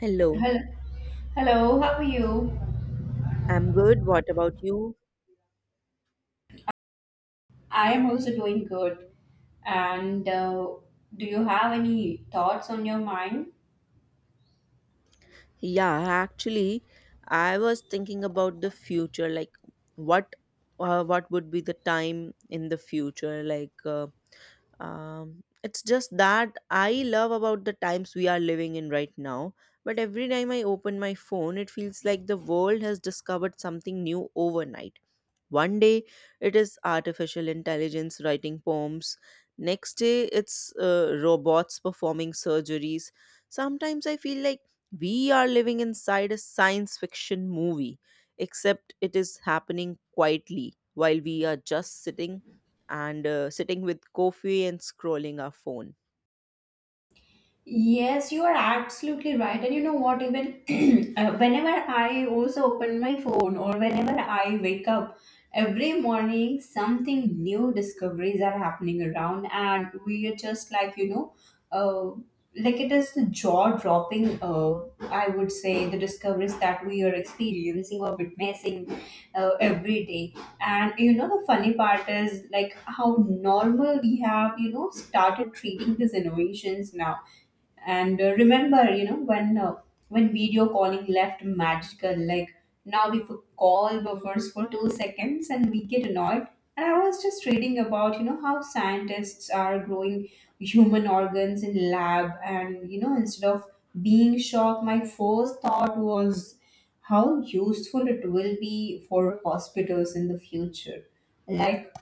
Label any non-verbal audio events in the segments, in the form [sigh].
Hello, Hello, hello, how are you? I'm good. What about you? I am also doing good. And Do you have any thoughts on your mind? Yeah, actually, I was thinking about the future, like what what would be the time in the future? It's just that I love about the times we are living in right now. But every time I open my phone, it feels like the world has discovered something new overnight. One day it is artificial intelligence writing poems. Next day it's robots performing surgeries. Sometimes I feel like we are living inside a science fiction movie, except it is happening quietly while we are just sitting and sitting with coffee and scrolling our phone. Yes, you are absolutely right. And you know what? Even [clears throat] whenever I also open my phone or whenever I wake up every morning, something new discoveries are happening around, and we are just like, uh, like it is the jaw dropping, I would say, the discoveries that we are experiencing or witnessing every day. And you know, the funny part is like how normal we have, you know, started treating these innovations now and remember, you know, when video calling left magical, like now we could call buffers for 2 seconds and we get annoyed. And I was just reading about, you know, how scientists are growing human organs in lab, and you know, instead of being shocked, my first thought was how useful it will be for hospitals in the future. Like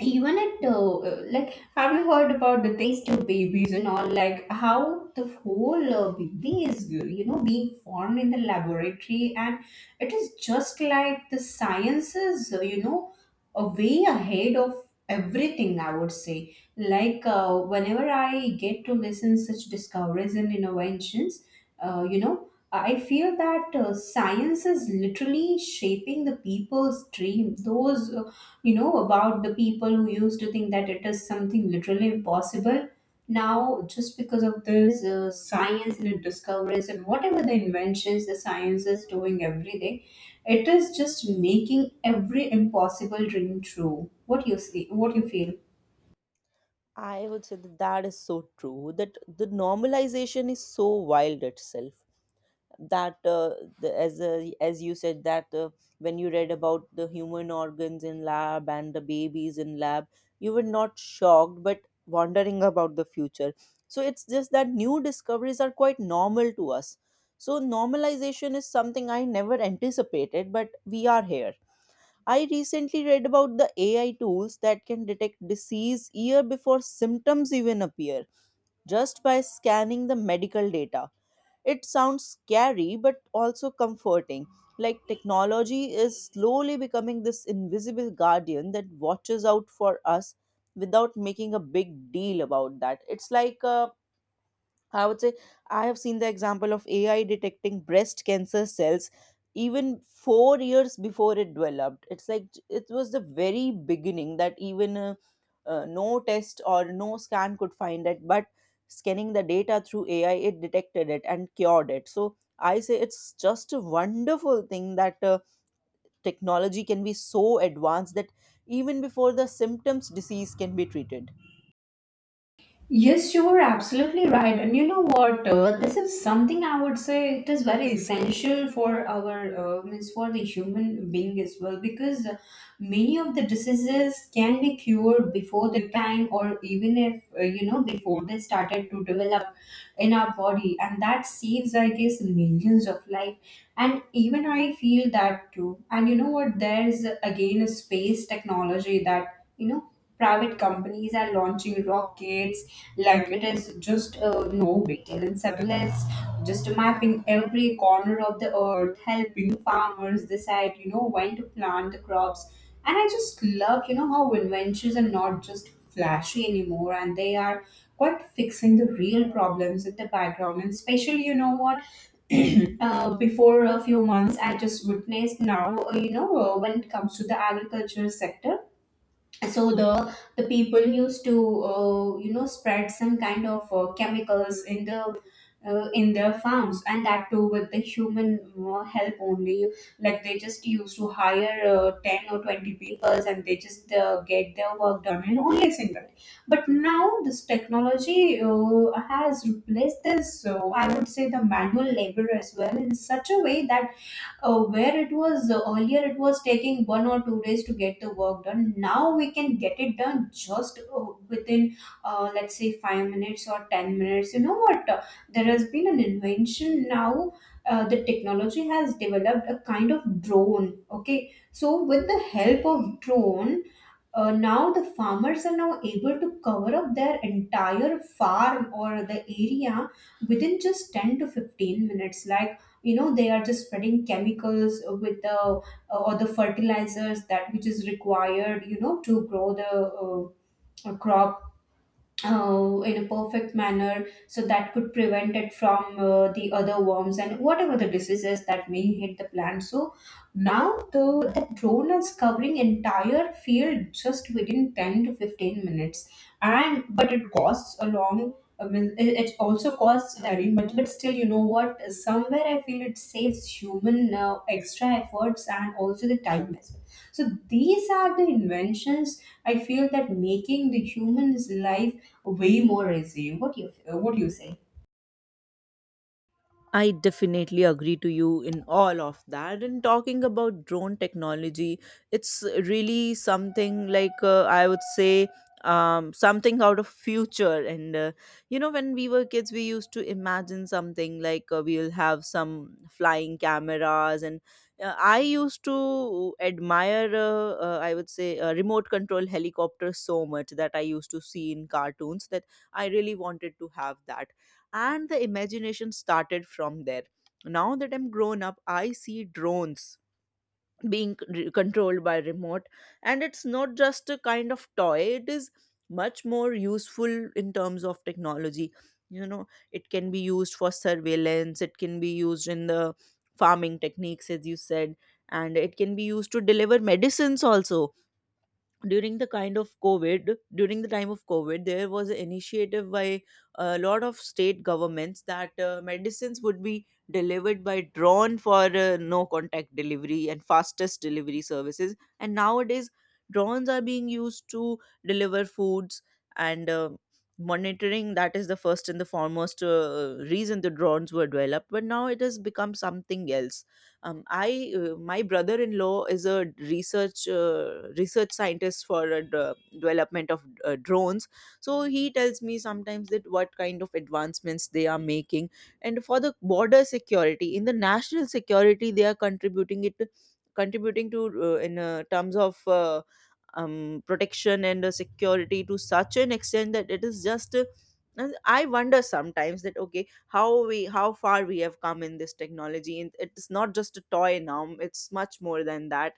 even at like have you heard about the taste tube babies and all, like how the whole baby is you know, being formed in the laboratory. And it is just like the sciences, you know, a way ahead of everything. I would say, like, whenever I get to listen such discoveries and innovations, you know, I feel that science is literally shaping the people's dream. You know, about the people who used to think that it is something literally impossible. Now, just because of this science and the discoveries and whatever the inventions the science is doing every day, it is just making every impossible dream true. What you see? What you feel? I would say that that is so true. That the normalization is so wild itself, that the, as you said that, when you read about the human organs in lab and the babies in lab, you were not shocked but wondering about the future. So it's just that new discoveries are quite normal to us, so normalization is something I never anticipated, but we are here. I recently read about the AI tools that can detect disease year before symptoms even appear, just by scanning the medical data. It sounds scary, but also comforting. Like technology is slowly becoming this invisible guardian that watches out for us without making a big deal about that. It's like a, I would say, I have seen the example of AI detecting breast cancer cells even 4 years before it developed. It's like it was the very beginning that even no test or no scan could find it, but scanning the data through AI, it detected it and cured it. So I say it's just a wonderful thing that technology can be so advanced that even before the symptoms, disease can be treated. Yes, you are absolutely right. And you know what? This is something I would say it is very essential for our means for the human being as well, because many of the diseases can be cured before the time, or even if you know, before they started to develop in our body, and that saves, I guess, millions of life. And even I feel that too. And you know what? There is again a space technology that, you know, private companies are launching rockets like it is just no big deal, and satellite just mapping every corner of the earth, helping farmers decide, you know, when to plant the crops. And I just love, you know, how inventions are not just flashy anymore, and they are quite fixing the real problems in the background. And especially, you know what, before a few months I just witnessed now, you know, when it comes to the agriculture sector, so the people used to you know, spread some kind of chemicals in the in their farms, and that too with the human help only. Like they just used to hire 10 or 20 people and they just get their work done in only a single day. But now this technology has replaced this, so I would say the manual labor as well, in such a way that where it was earlier it was taking 1 or 2 days to get the work done, now we can get it done just within, let's say 5 minutes or 10 minutes. You know what? There has been an invention now. The technology has developed a kind of drone, okay? So with the help of drone, now the farmers are now able to cover up their entire farm or the area within just 10 to 15 minutes. Like, you know, they are just spreading chemicals with the or the fertilizers that which is required, you know, to grow the uh, crop in a perfect manner, so that could prevent it from the other worms and whatever the diseases that may hit the plant. So now the that drone is covering entire field just within 10 to 15 minutes. And but it costs a long, I mean, it also costs very much, but still, you know what? Somewhere I feel it saves human extra efforts and also the time as well. So these are the inventions I feel that making the human's life way more easy. What you what do you say? I definitely agree to you in all of that. And talking about drone technology, it's really something like, I would say, something out of future. And you know, when we were kids, we used to imagine something like, we'll have some flying cameras. And I used to admire, I would say, remote control helicopters so much that I used to see in cartoons, that I really wanted to have that. And the imagination started from there. Now that I'm grown up, I see drones being c- controlled by remote, and it's not just a kind of toy, it is much more useful in terms of technology. You know, it can be used for surveillance, it can be used in the farming techniques, as you said, and it can be used to deliver medicines also. During the kind of covid, during the time of covid, there was an initiative by a lot of state governments that medicines would be delivered by drone for no contact delivery and fastest delivery services. And nowadays drones are being used to deliver foods and monitoring. That is the first and the foremost reason the drones were developed, but now it has become something else. Um, i uh, my brother-in-law is a research scientist for development of drones, so he tells me sometimes that what kind of advancements they are making, and for the border security, in the national security, they are contributing it, contributing to, in terms of, protection and security to such an extent that it is just and I wonder sometimes that, okay, how far we have come in this technology, and it's not just a toy now, it's much more than that.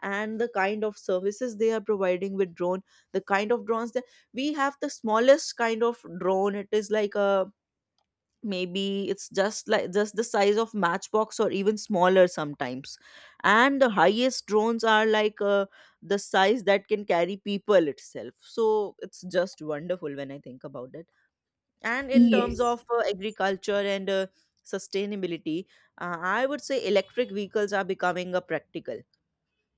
And the kind of services they are providing with drone, the kind of drones that we have, the smallest kind of drone, it is like a, maybe it's just like just the size of matchbox or even smaller sometimes. And the highest drones are like, the size that can carry people itself, so it's just wonderful when I think about it. And in terms Yes. of agriculture and sustainability, I would say electric vehicles are becoming a practical,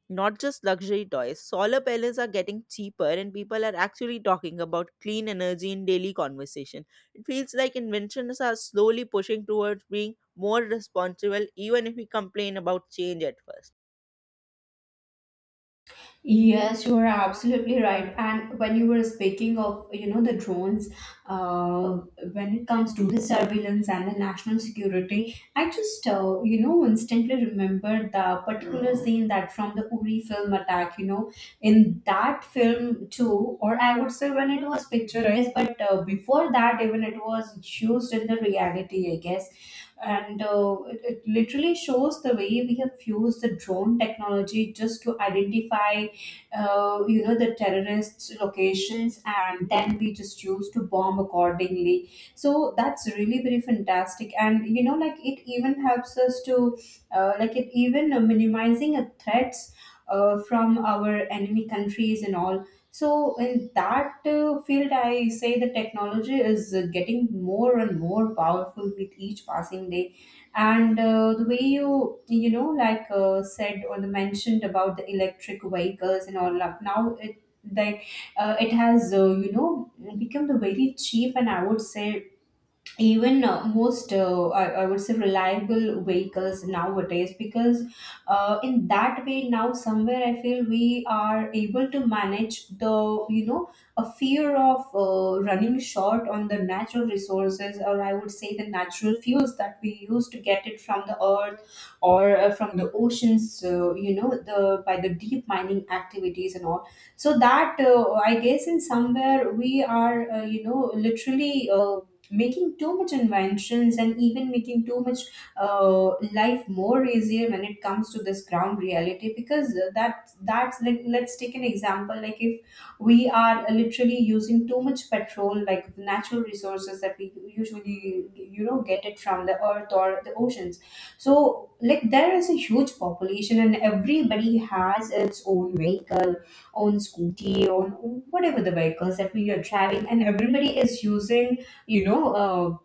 not just luxury toys. Solar panels are getting cheaper, and people are actually talking about clean energy in daily conversation. It feels like inventions are slowly pushing towards being more responsible, even if we complain about change at first. Yes, you are absolutely right. And when you were speaking of, you know, the drones, uh, when it comes to the surveillance and the national security, I just, you know, instantly remember the particular scene that from the Uri film attack, you know, in that film too, or I would say when it was picturized, but before that, even it was used in the reality, I guess. And it literally shows the way we have used the drone technology just to identify, you know, the terrorists locations, and then we just choose to bomb accordingly. So that's really very fantastic. And you know, like, it even helps us to like it even minimizing threats from our enemy countries and all. So in that field I say the technology is getting more and more powerful with each passing day. And the way you, you know, like, said or the mentioned about the electric vehicles and all, like now it, like it has you know, become the very cheap, and I would say even most, I would say reliable vehicles nowadays, because in that way now somewhere I feel we are able to manage the, you know, a fear of running short on the natural resources, or I would say the natural fuels that we use to get it from the earth or from the oceans, you know, the by the deep mining activities and all. So that, I guess in somewhere we are, you know, literally making too much inventions, and even making too much life more easier when it comes to this ground reality. Because that's like, let's take an example like, if we are literally using too much petrol, like the natural resources that we usually, you know, get it from the earth or the oceans, so like there is a huge population and everybody has its own vehicle, own scooty, own whatever the vehicles that we are driving, and everybody is using, you know,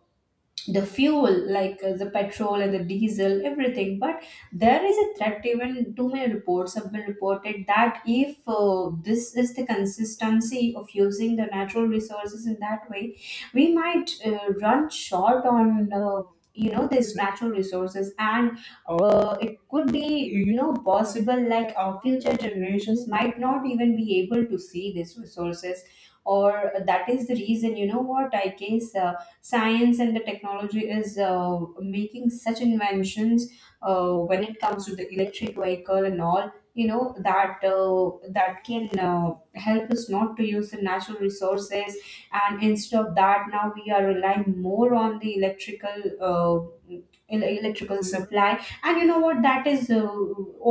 the fuel, like the petrol and the diesel everything. But there is a threat, even too many reports have been reported that if this is the consistency of using the natural resources in that way, we might run short on you know, these natural resources, and it could be, you know, possible like our future generations might not even be able to see these resources. Or that is the reason, you know what, I guess science and the technology is making such inventions when it comes to the electric vehicle and all, you know, that that can help us not to use the natural resources, and instead of that now we are relying more on the electrical, uh, electrical supply. And you know what, that is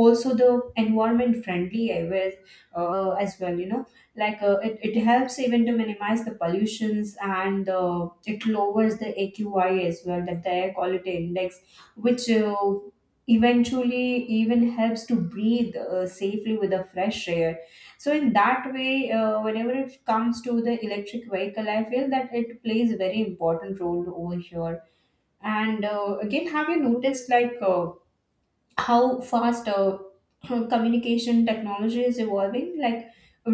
also the environment friendly as, well, as well, you know, like, it helps even to minimize the pollutions, and it lowers the AQI as well, that the air quality index, which eventually even helps to breathe safely with the fresh air. So in that way, whenever it comes to the electric vehicle, I feel that it plays a very important role over here. And again, have you noticed like, how fast [clears throat] communication technology is evolving? Like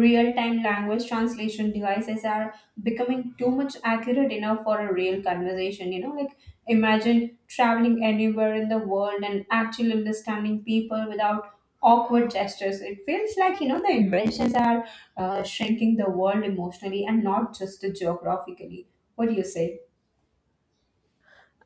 real-time language translation devices are becoming too much accurate enough for a real conversation. You know, like imagine traveling anywhere in the world and actually understanding people without awkward gestures. It feels like, you know, the inventions are shrinking the world emotionally and not just geographically. What do you say?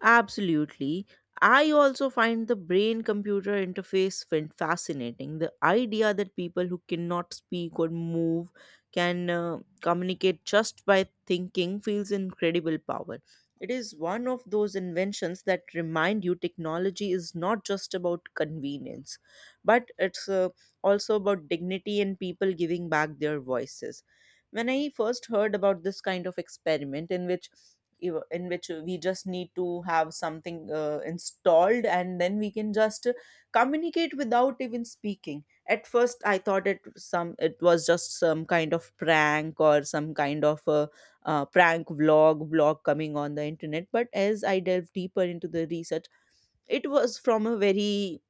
Absolutely. I also find the brain computer interface fascinating. The idea that people who cannot speak or move can communicate just by thinking feels incredible power. It is one of those inventions that remind you technology is not just about convenience, but it's also about dignity and people giving back their voices. When I first heard about this kind of experiment in which in which we just need to have something installed and then we can just communicate without even speaking, at first I thought it some, it was just some kind of prank, or some kind of a prank vlog blog coming on the internet. But as I delved deeper into the research, it was from a very,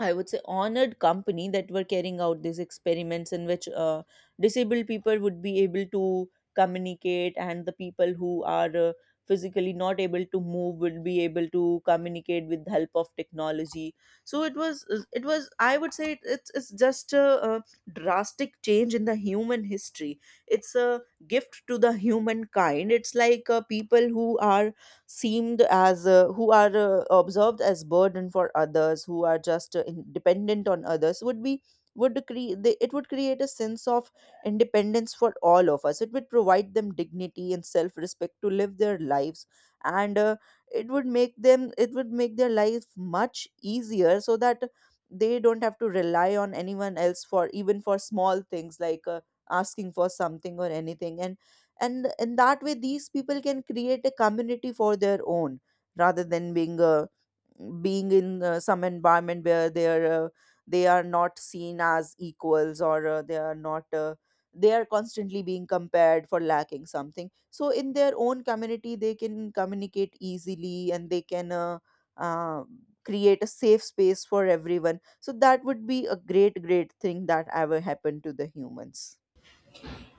I would say, honored company that were carrying out these experiments in which disabled people would be able to communicate, and the people who are physically not able to move would be able to communicate with the help of technology. So it was, I would say, it's just a drastic change in the human history. It's a gift to the humankind. It's like, people who are seemed as, who are observed as burden for others, who are just dependent on others, would be, would create, it would create a sense of independence for all of us. It would provide them dignity and self respect to live their lives, and it would make them, it would make their life much easier, so that they don't have to rely on anyone else for even for small things, like asking for something or anything. And in that way these people can create a community for their own, rather than being in some environment where they are not seen as equals, or they are not they are constantly being compared for lacking something. So in their own community they can communicate easily, and they can uh, create a safe space for everyone, so that would be a great great thing that ever happened to the humans.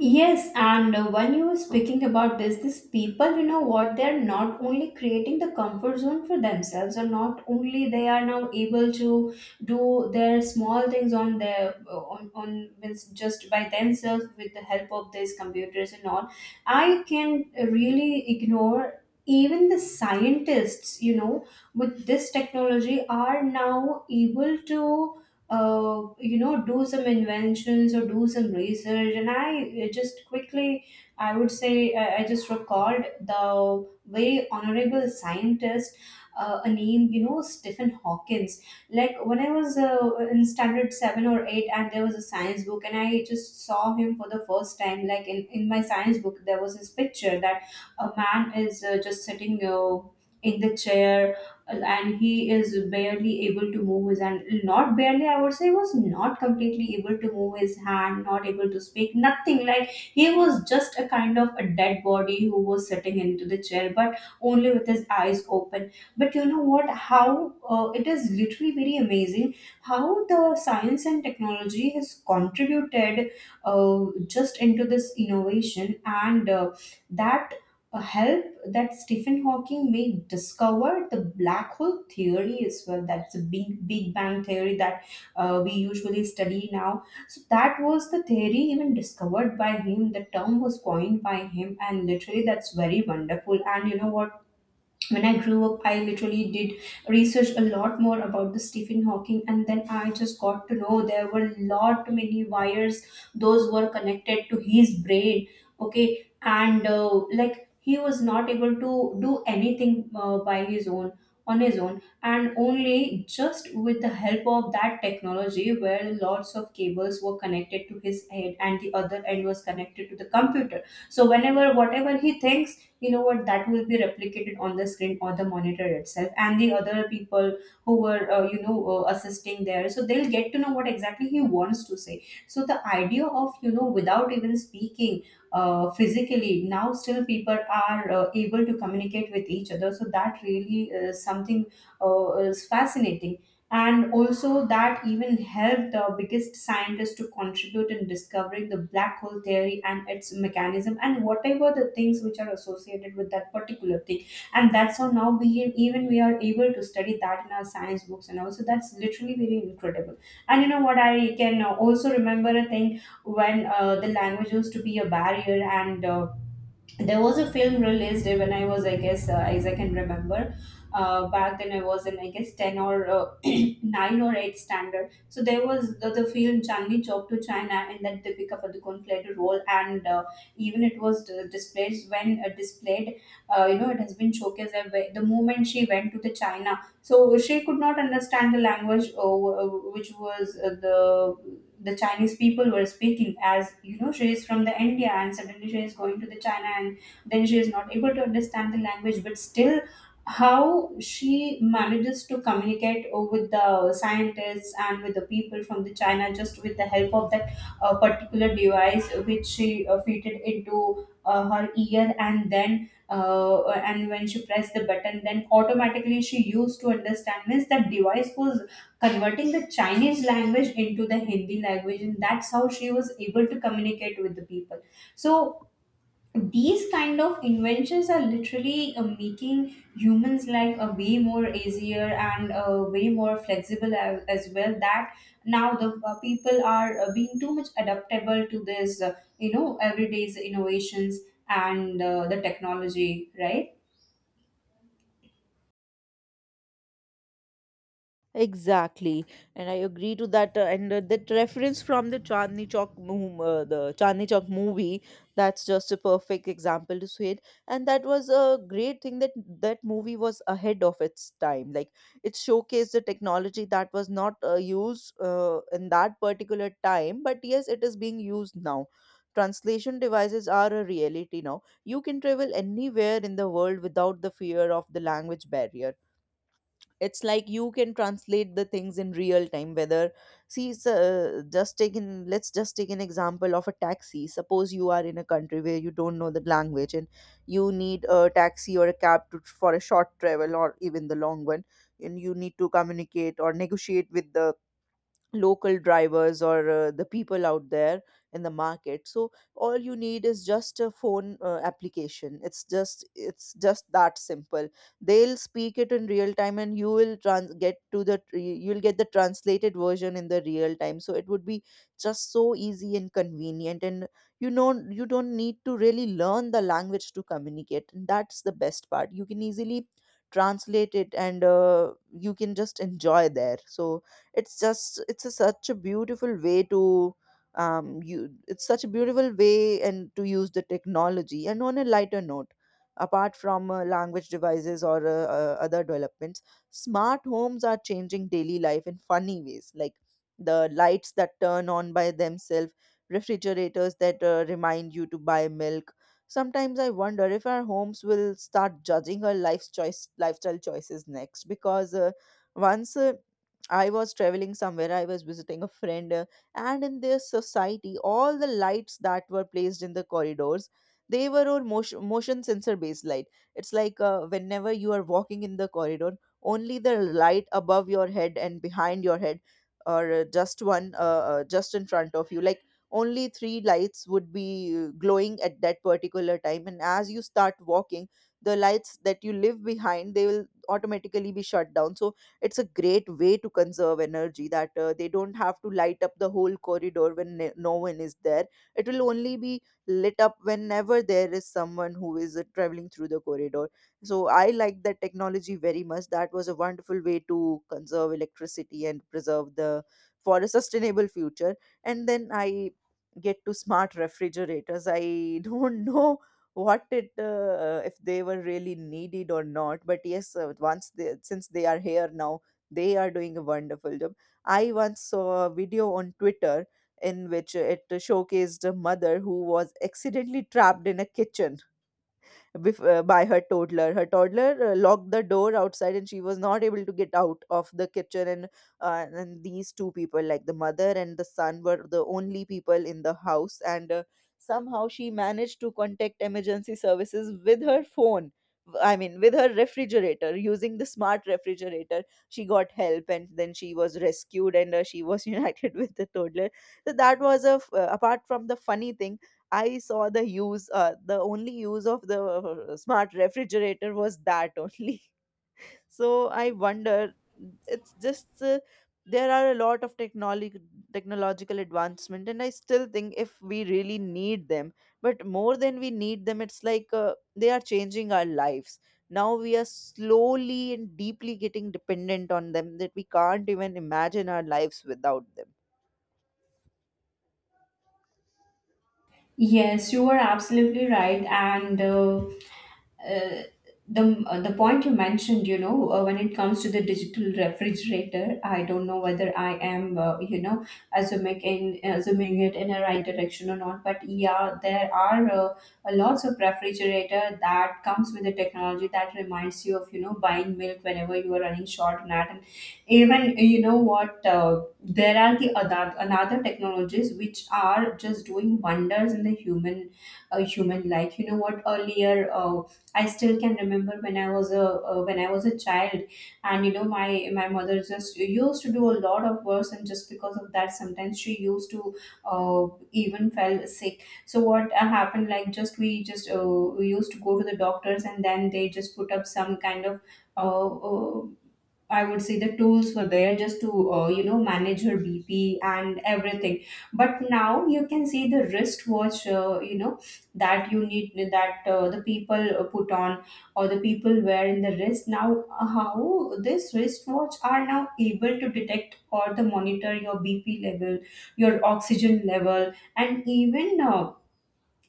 Yes, and when you were speaking about this, these people, you know what, they're not only creating the comfort zone for themselves, or not only they are now able to do their small things on their on means just by themselves with the help of these computers and all. I can really ignore even the scientists, you know, with this technology are now able to do some inventions or do some research. And I, just quickly, I would say, I just recalled the very honorable scientist, a name, Stephen Hawkins. Like when I was, in standard 7 or 8, and there was a science book, and I just saw him for the first time. Like in my science book there was this picture that a man is just sitting, in the chair, and he is barely able to move his hand. Not barely, I would say, was not completely able to move his hand, not able to speak, nothing. Like, he was just a kind of a dead body who was sitting into the chair, but only with his eyes open. But you know what, how it is literally very amazing how the science and technology has contributed, just into this innovation, and that a help, that Stephen Hawking may discover the black hole theory as well. That's a big Big Bang theory that we usually study now. So that was the theory even discovered by him. The term was coined by him, and literally that's very wonderful. And you know what? When I grew up, I literally did research a lot more about the Stephen Hawking, and then I just got to know there were lot many wires those were connected to his brain. Okay, and like he was not able to do anything by his own on his own, and only just with the help of that technology, where lots of cables were connected to his head, and the other end was connected to the computer. So whenever whatever he thinks, you know what, that will be replicated on the screen or the monitor itself, and the other people who were, assisting there, so they'll get to know what exactly he wants to say. So the idea of, without even speaking physically, now still people are able to communicate with each other, so that really is something, is fascinating. And also that even helped the biggest scientists to contribute in discovering the black hole theory and its mechanism, and whatever the things which are associated with that particular thing. And that's how now even we are able to study that in our science books, and also that's literally very incredible. And you know what, I can also remember a thing when the language used to be a barrier, and there was a film released when I was, I guess, as I can remember, back then I was in, I guess, 10 or [clears throat] 9 or 8 standard. So there was the film Chandni Chowk to China, and that Deepika Padukone played a role, and even it was displayed, when displayed, it has been showcased the moment she went to the China. So she could not understand the language, which was, the Chinese people were speaking. As, you know, she is from the India, and suddenly she is going to the China, and then she is not able to understand the language, but still, how she manages to communicate with the scientists and with the people from the China, just with the help of that particular device which she fitted into her ear, and then, and when she pressed the button, then automatically she used to understand. Means that device was converting the Chinese language into the Hindi language, and that's how she was able to communicate with the people. So these kind of inventions are literally making humans life a way more easier, and way more flexible as well, that now the people are being too much adaptable to this, everyday's innovations and the technology, right? Exactly, and I agree to that. And That reference from the the Chandni Chowk movie, that's just a perfect example to say it. And that was a great thing, that that movie was ahead of its time. Like it showcased the technology that was not used in that particular time, but yes, it is being used now. Translation devices are a reality now. You can travel anywhere in the world without the fear of the language barrier. It's like you can translate the things in real time, whether, see s- just take an let's just take an example of a taxi. Suppose you are in a country where you don't know the language, and you need a taxi or a cab to, for a short travel or even the long one, and you need to communicate or negotiate with the local drivers or the people out there in the market. So all you need is just a phone application. It's just that simple. They'll speak it in real time and you will trans- get to the tr- you'll get the translated version in the real time. So it would be just so easy and convenient, and you know, you don't need to really learn the language to communicate, and that's the best part. You can easily translate it and you can just enjoy there. So it's just it's a, such a beautiful way to, you it's such a beautiful way and to use the technology. And on a lighter note, apart from language devices or other developments, smart homes are changing daily life in funny ways, like the lights that turn on by themselves, refrigerators that remind you to buy milk. Sometimes I wonder if our homes will start judging our life's choice lifestyle choices next. Because once I was traveling somewhere, I was visiting a friend, and in their society, all the lights that were placed in the corridors, they were all motion sensor based light. It's like whenever you are walking in the corridor, only the light above your head and behind your head, or just one, just in front of you, like only three lights would be glowing at that particular time. And as you start walking, the lights that you leave behind, they will automatically be shut down. So it's a great way to conserve energy that they don't have to light up the whole corridor when no one is there. It will only be lit up whenever there is someone who is traveling through the corridor. So I like that technology very much. That was a wonderful way to conserve electricity and preserve the for a sustainable future. And then I get to smart refrigerators. I [laughs] don't know what it if they were really needed or not, but yes, once they since they are here now, they are doing a wonderful job. I once saw a video on Twitter in which it showcased a mother who was accidentally trapped in a kitchen by her toddler. Her toddler locked the door outside, and she was not able to get out of the kitchen. And these two people, like the mother and the son, were the only people in the house. And somehow she managed to contact emergency services with her phone. I mean, with her refrigerator, using the smart refrigerator, she got help, and then she was rescued, and she was [laughs] united with the toddler. So that was a apart from the funny thing, I saw the use, the only use of the smart refrigerator was that only. [laughs] So I wonder, it's just there are a lot of technology technological advancement, and I still think if we really need them, but more than we need them, it's like they are changing our lives. Now we are slowly and deeply getting dependent on them that we can't even imagine our lives without them. Yes, you are absolutely right. And uh, the point you mentioned, you know, when it comes to the digital refrigerator, I don't know whether I am, assuming it in a right direction or not. But yeah, there are a lots of refrigerator that comes with the technology that reminds you of, you know, buying milk whenever you are running short on that. And even you know what. There are the other another technologies which are just doing wonders in the human life. You know what, earlier, I still can remember when I was a when I was a child. And you know, my mother just used to do a lot of works, and just because of that sometimes she used to even fell sick. So what happened, like, just we used to go to the doctors, and then they just put up some kind of, uh, uh, I would say the tools were there just to, manage her BP and everything. But now you can see the wristwatch, that you need that the people put on, or the people wear in the wrist. Now, how this wristwatch are now able to detect or the monitor your BP level, your oxygen level, and even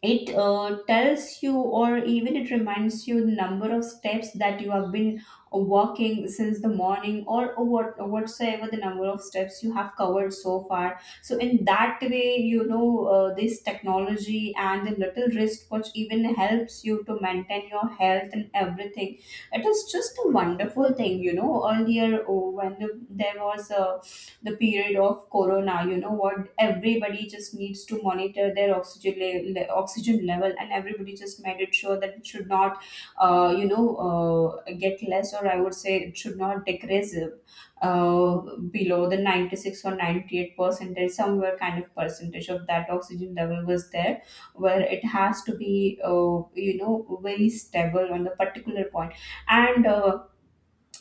it tells you, or even it reminds you, the number of steps that you have been walking since the morning, or whatsoever the number of steps you have covered so far. So in that way, you know, this technology and the little wristwatch even helps you to maintain your health and everything. It is just a wonderful thing. You know, earlier, oh, when there was a the period of corona, you know what, everybody just needs to monitor their oxygen level, and everybody just made it sure that it should not, get less, or I would say, it should not decrease uh, below the 96 or 98 percentage, somewhere kind of percentage of that oxygen level was there where it has to be, very stable on the particular point. And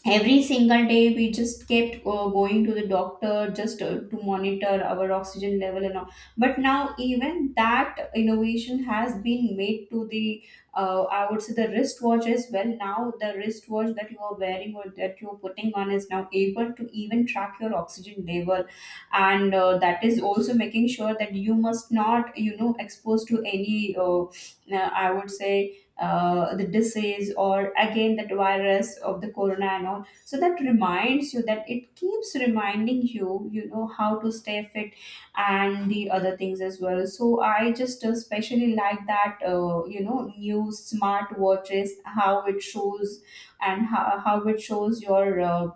every single day we just kept going to the doctor just to monitor our oxygen level and all. But now even that innovation has been made to the, I would say, the wristwatch as well. Now the wristwatch that you are wearing or that you are putting on is now able to even track your oxygen level. And that is also making sure that you must not, you know, expose to any, I would say the disease, or again, that virus of the corona and all. So that reminds you, that it keeps reminding you, you know, how to stay fit and the other things as well. So I just especially like that, new smart watches, how it shows and how it shows your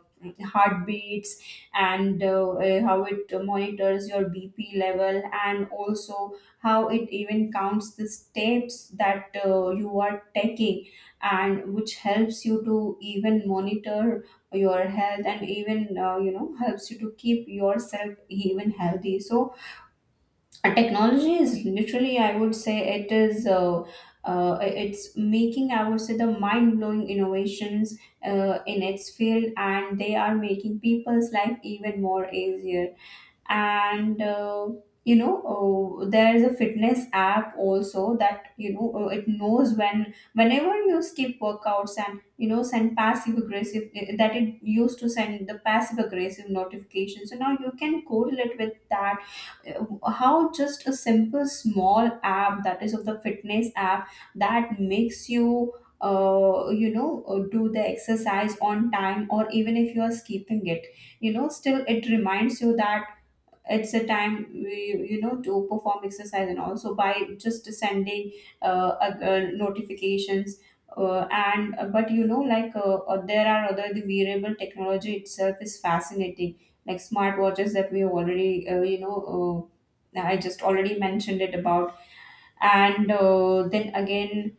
heartbeats, and how it monitors your BP level, and also how it even counts the steps that you are taking, and which helps you to even monitor your health, and even helps you to keep yourself even healthy. So technology is literally, I would say, it's making, I would say, the mind-blowing innovations in its field, and they are making people's life even more easier. And you know there is a fitness app also that, you know, it knows whenever you skip workouts, and you know, send passive aggressive eh, that it used to send the passive aggressive notification, so now you can correlate with that. How just a simple small app, that is of the fitness app, that makes you, you know do the exercise on time, or even if you are skipping it, you know, still it reminds you that it's a time, we, you know, to perform exercise, and also by just sending, notifications. Uh, and but you know, there are other the wearable technology itself is fascinating, like smartwatches that we already, I just already mentioned it about. And then again,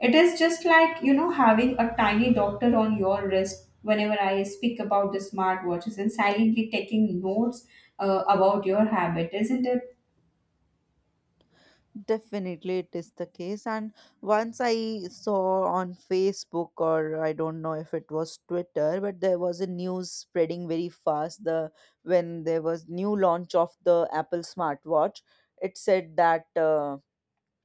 it is just like, you know, having a tiny doctor on your wrist whenever I speak about the smartwatches, and silently taking notes about your habit, isn't it? Definitely, it is the case. And once I saw on Facebook, or I don't know if it was Twitter, but there was a news spreading very fast. The when there was new launch of the Apple smartwatch, it said that.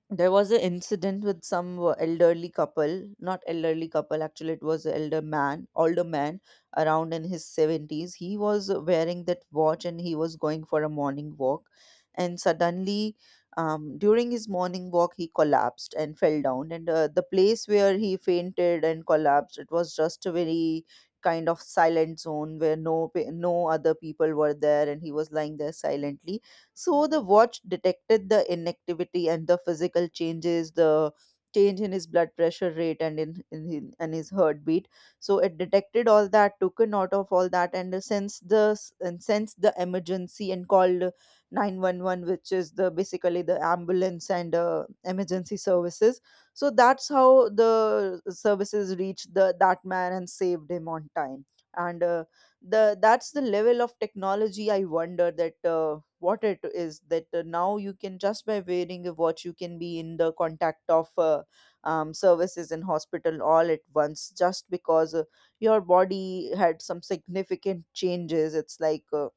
There was an incident with some elderly couple, not elderly couple, actually it was an elder man, older man, around in his 70s. He was wearing that watch and he was going for a morning walk, and suddenly during his morning walk he collapsed and fell down. And the place where he fainted and collapsed, it was just a very kind of silent zone where no other people were there, and he was lying there silently. So the watch detected the inactivity and the physical changes, the change in his blood pressure rate, and in his, and his heartbeat. So it detected all that, took a note of all that, and sensed the and sensed the emergency and called 911, which is the basically the ambulance and emergency services. So that's how the services reached the that man and saved him on time. And the that's the level of technology I wonder that. What it is that now you can just by wearing a watch you can be in the contact of services in hospital all at once just because your body had some significant changes. It's like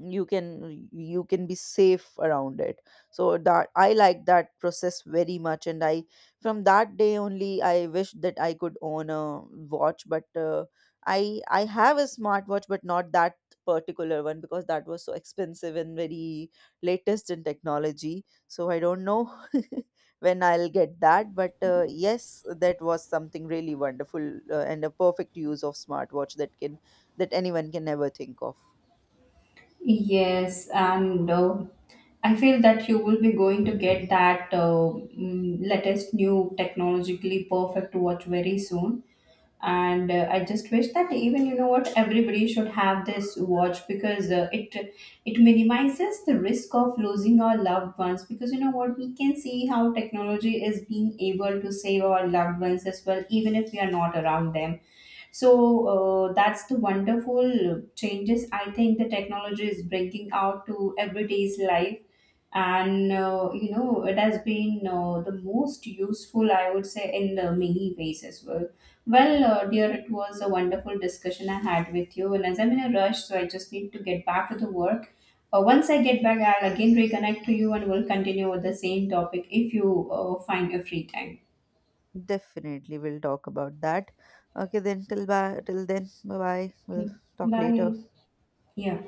you can be safe around it. So that I like that process very much, and I from that day only I wish that I could own a watch. But I have a smartwatch, but not that particular one, because that was so expensive and very latest in technology. So I don't know [laughs] when I'll get that. But yes, that was something really wonderful, and a perfect use of smartwatch that can that anyone can ever think of. Yes, and I feel that you will be going to get that, latest new technologically perfect watch very soon. And I just wish that, even you know what, everybody should have this watch, because it minimizes the risk of losing our loved ones, because you know what, we can see how technology is being able to save our loved ones as well, even if we are not around them. So that's the wonderful changes I think the technology is bringing out to everyday's life. And you know, it has been the most useful, I would say, in many ways as well. Well, dear, it was a wonderful discussion I had with you. And as I'm in a rush, so I just need to get back to the work. Once I get back, I'll again reconnect to you, and we'll continue with the same topic if you find your free time. Definitely, we'll talk about that. Okay, then till then, bye bye. We'll Mm. talk later. Bye. Yeah.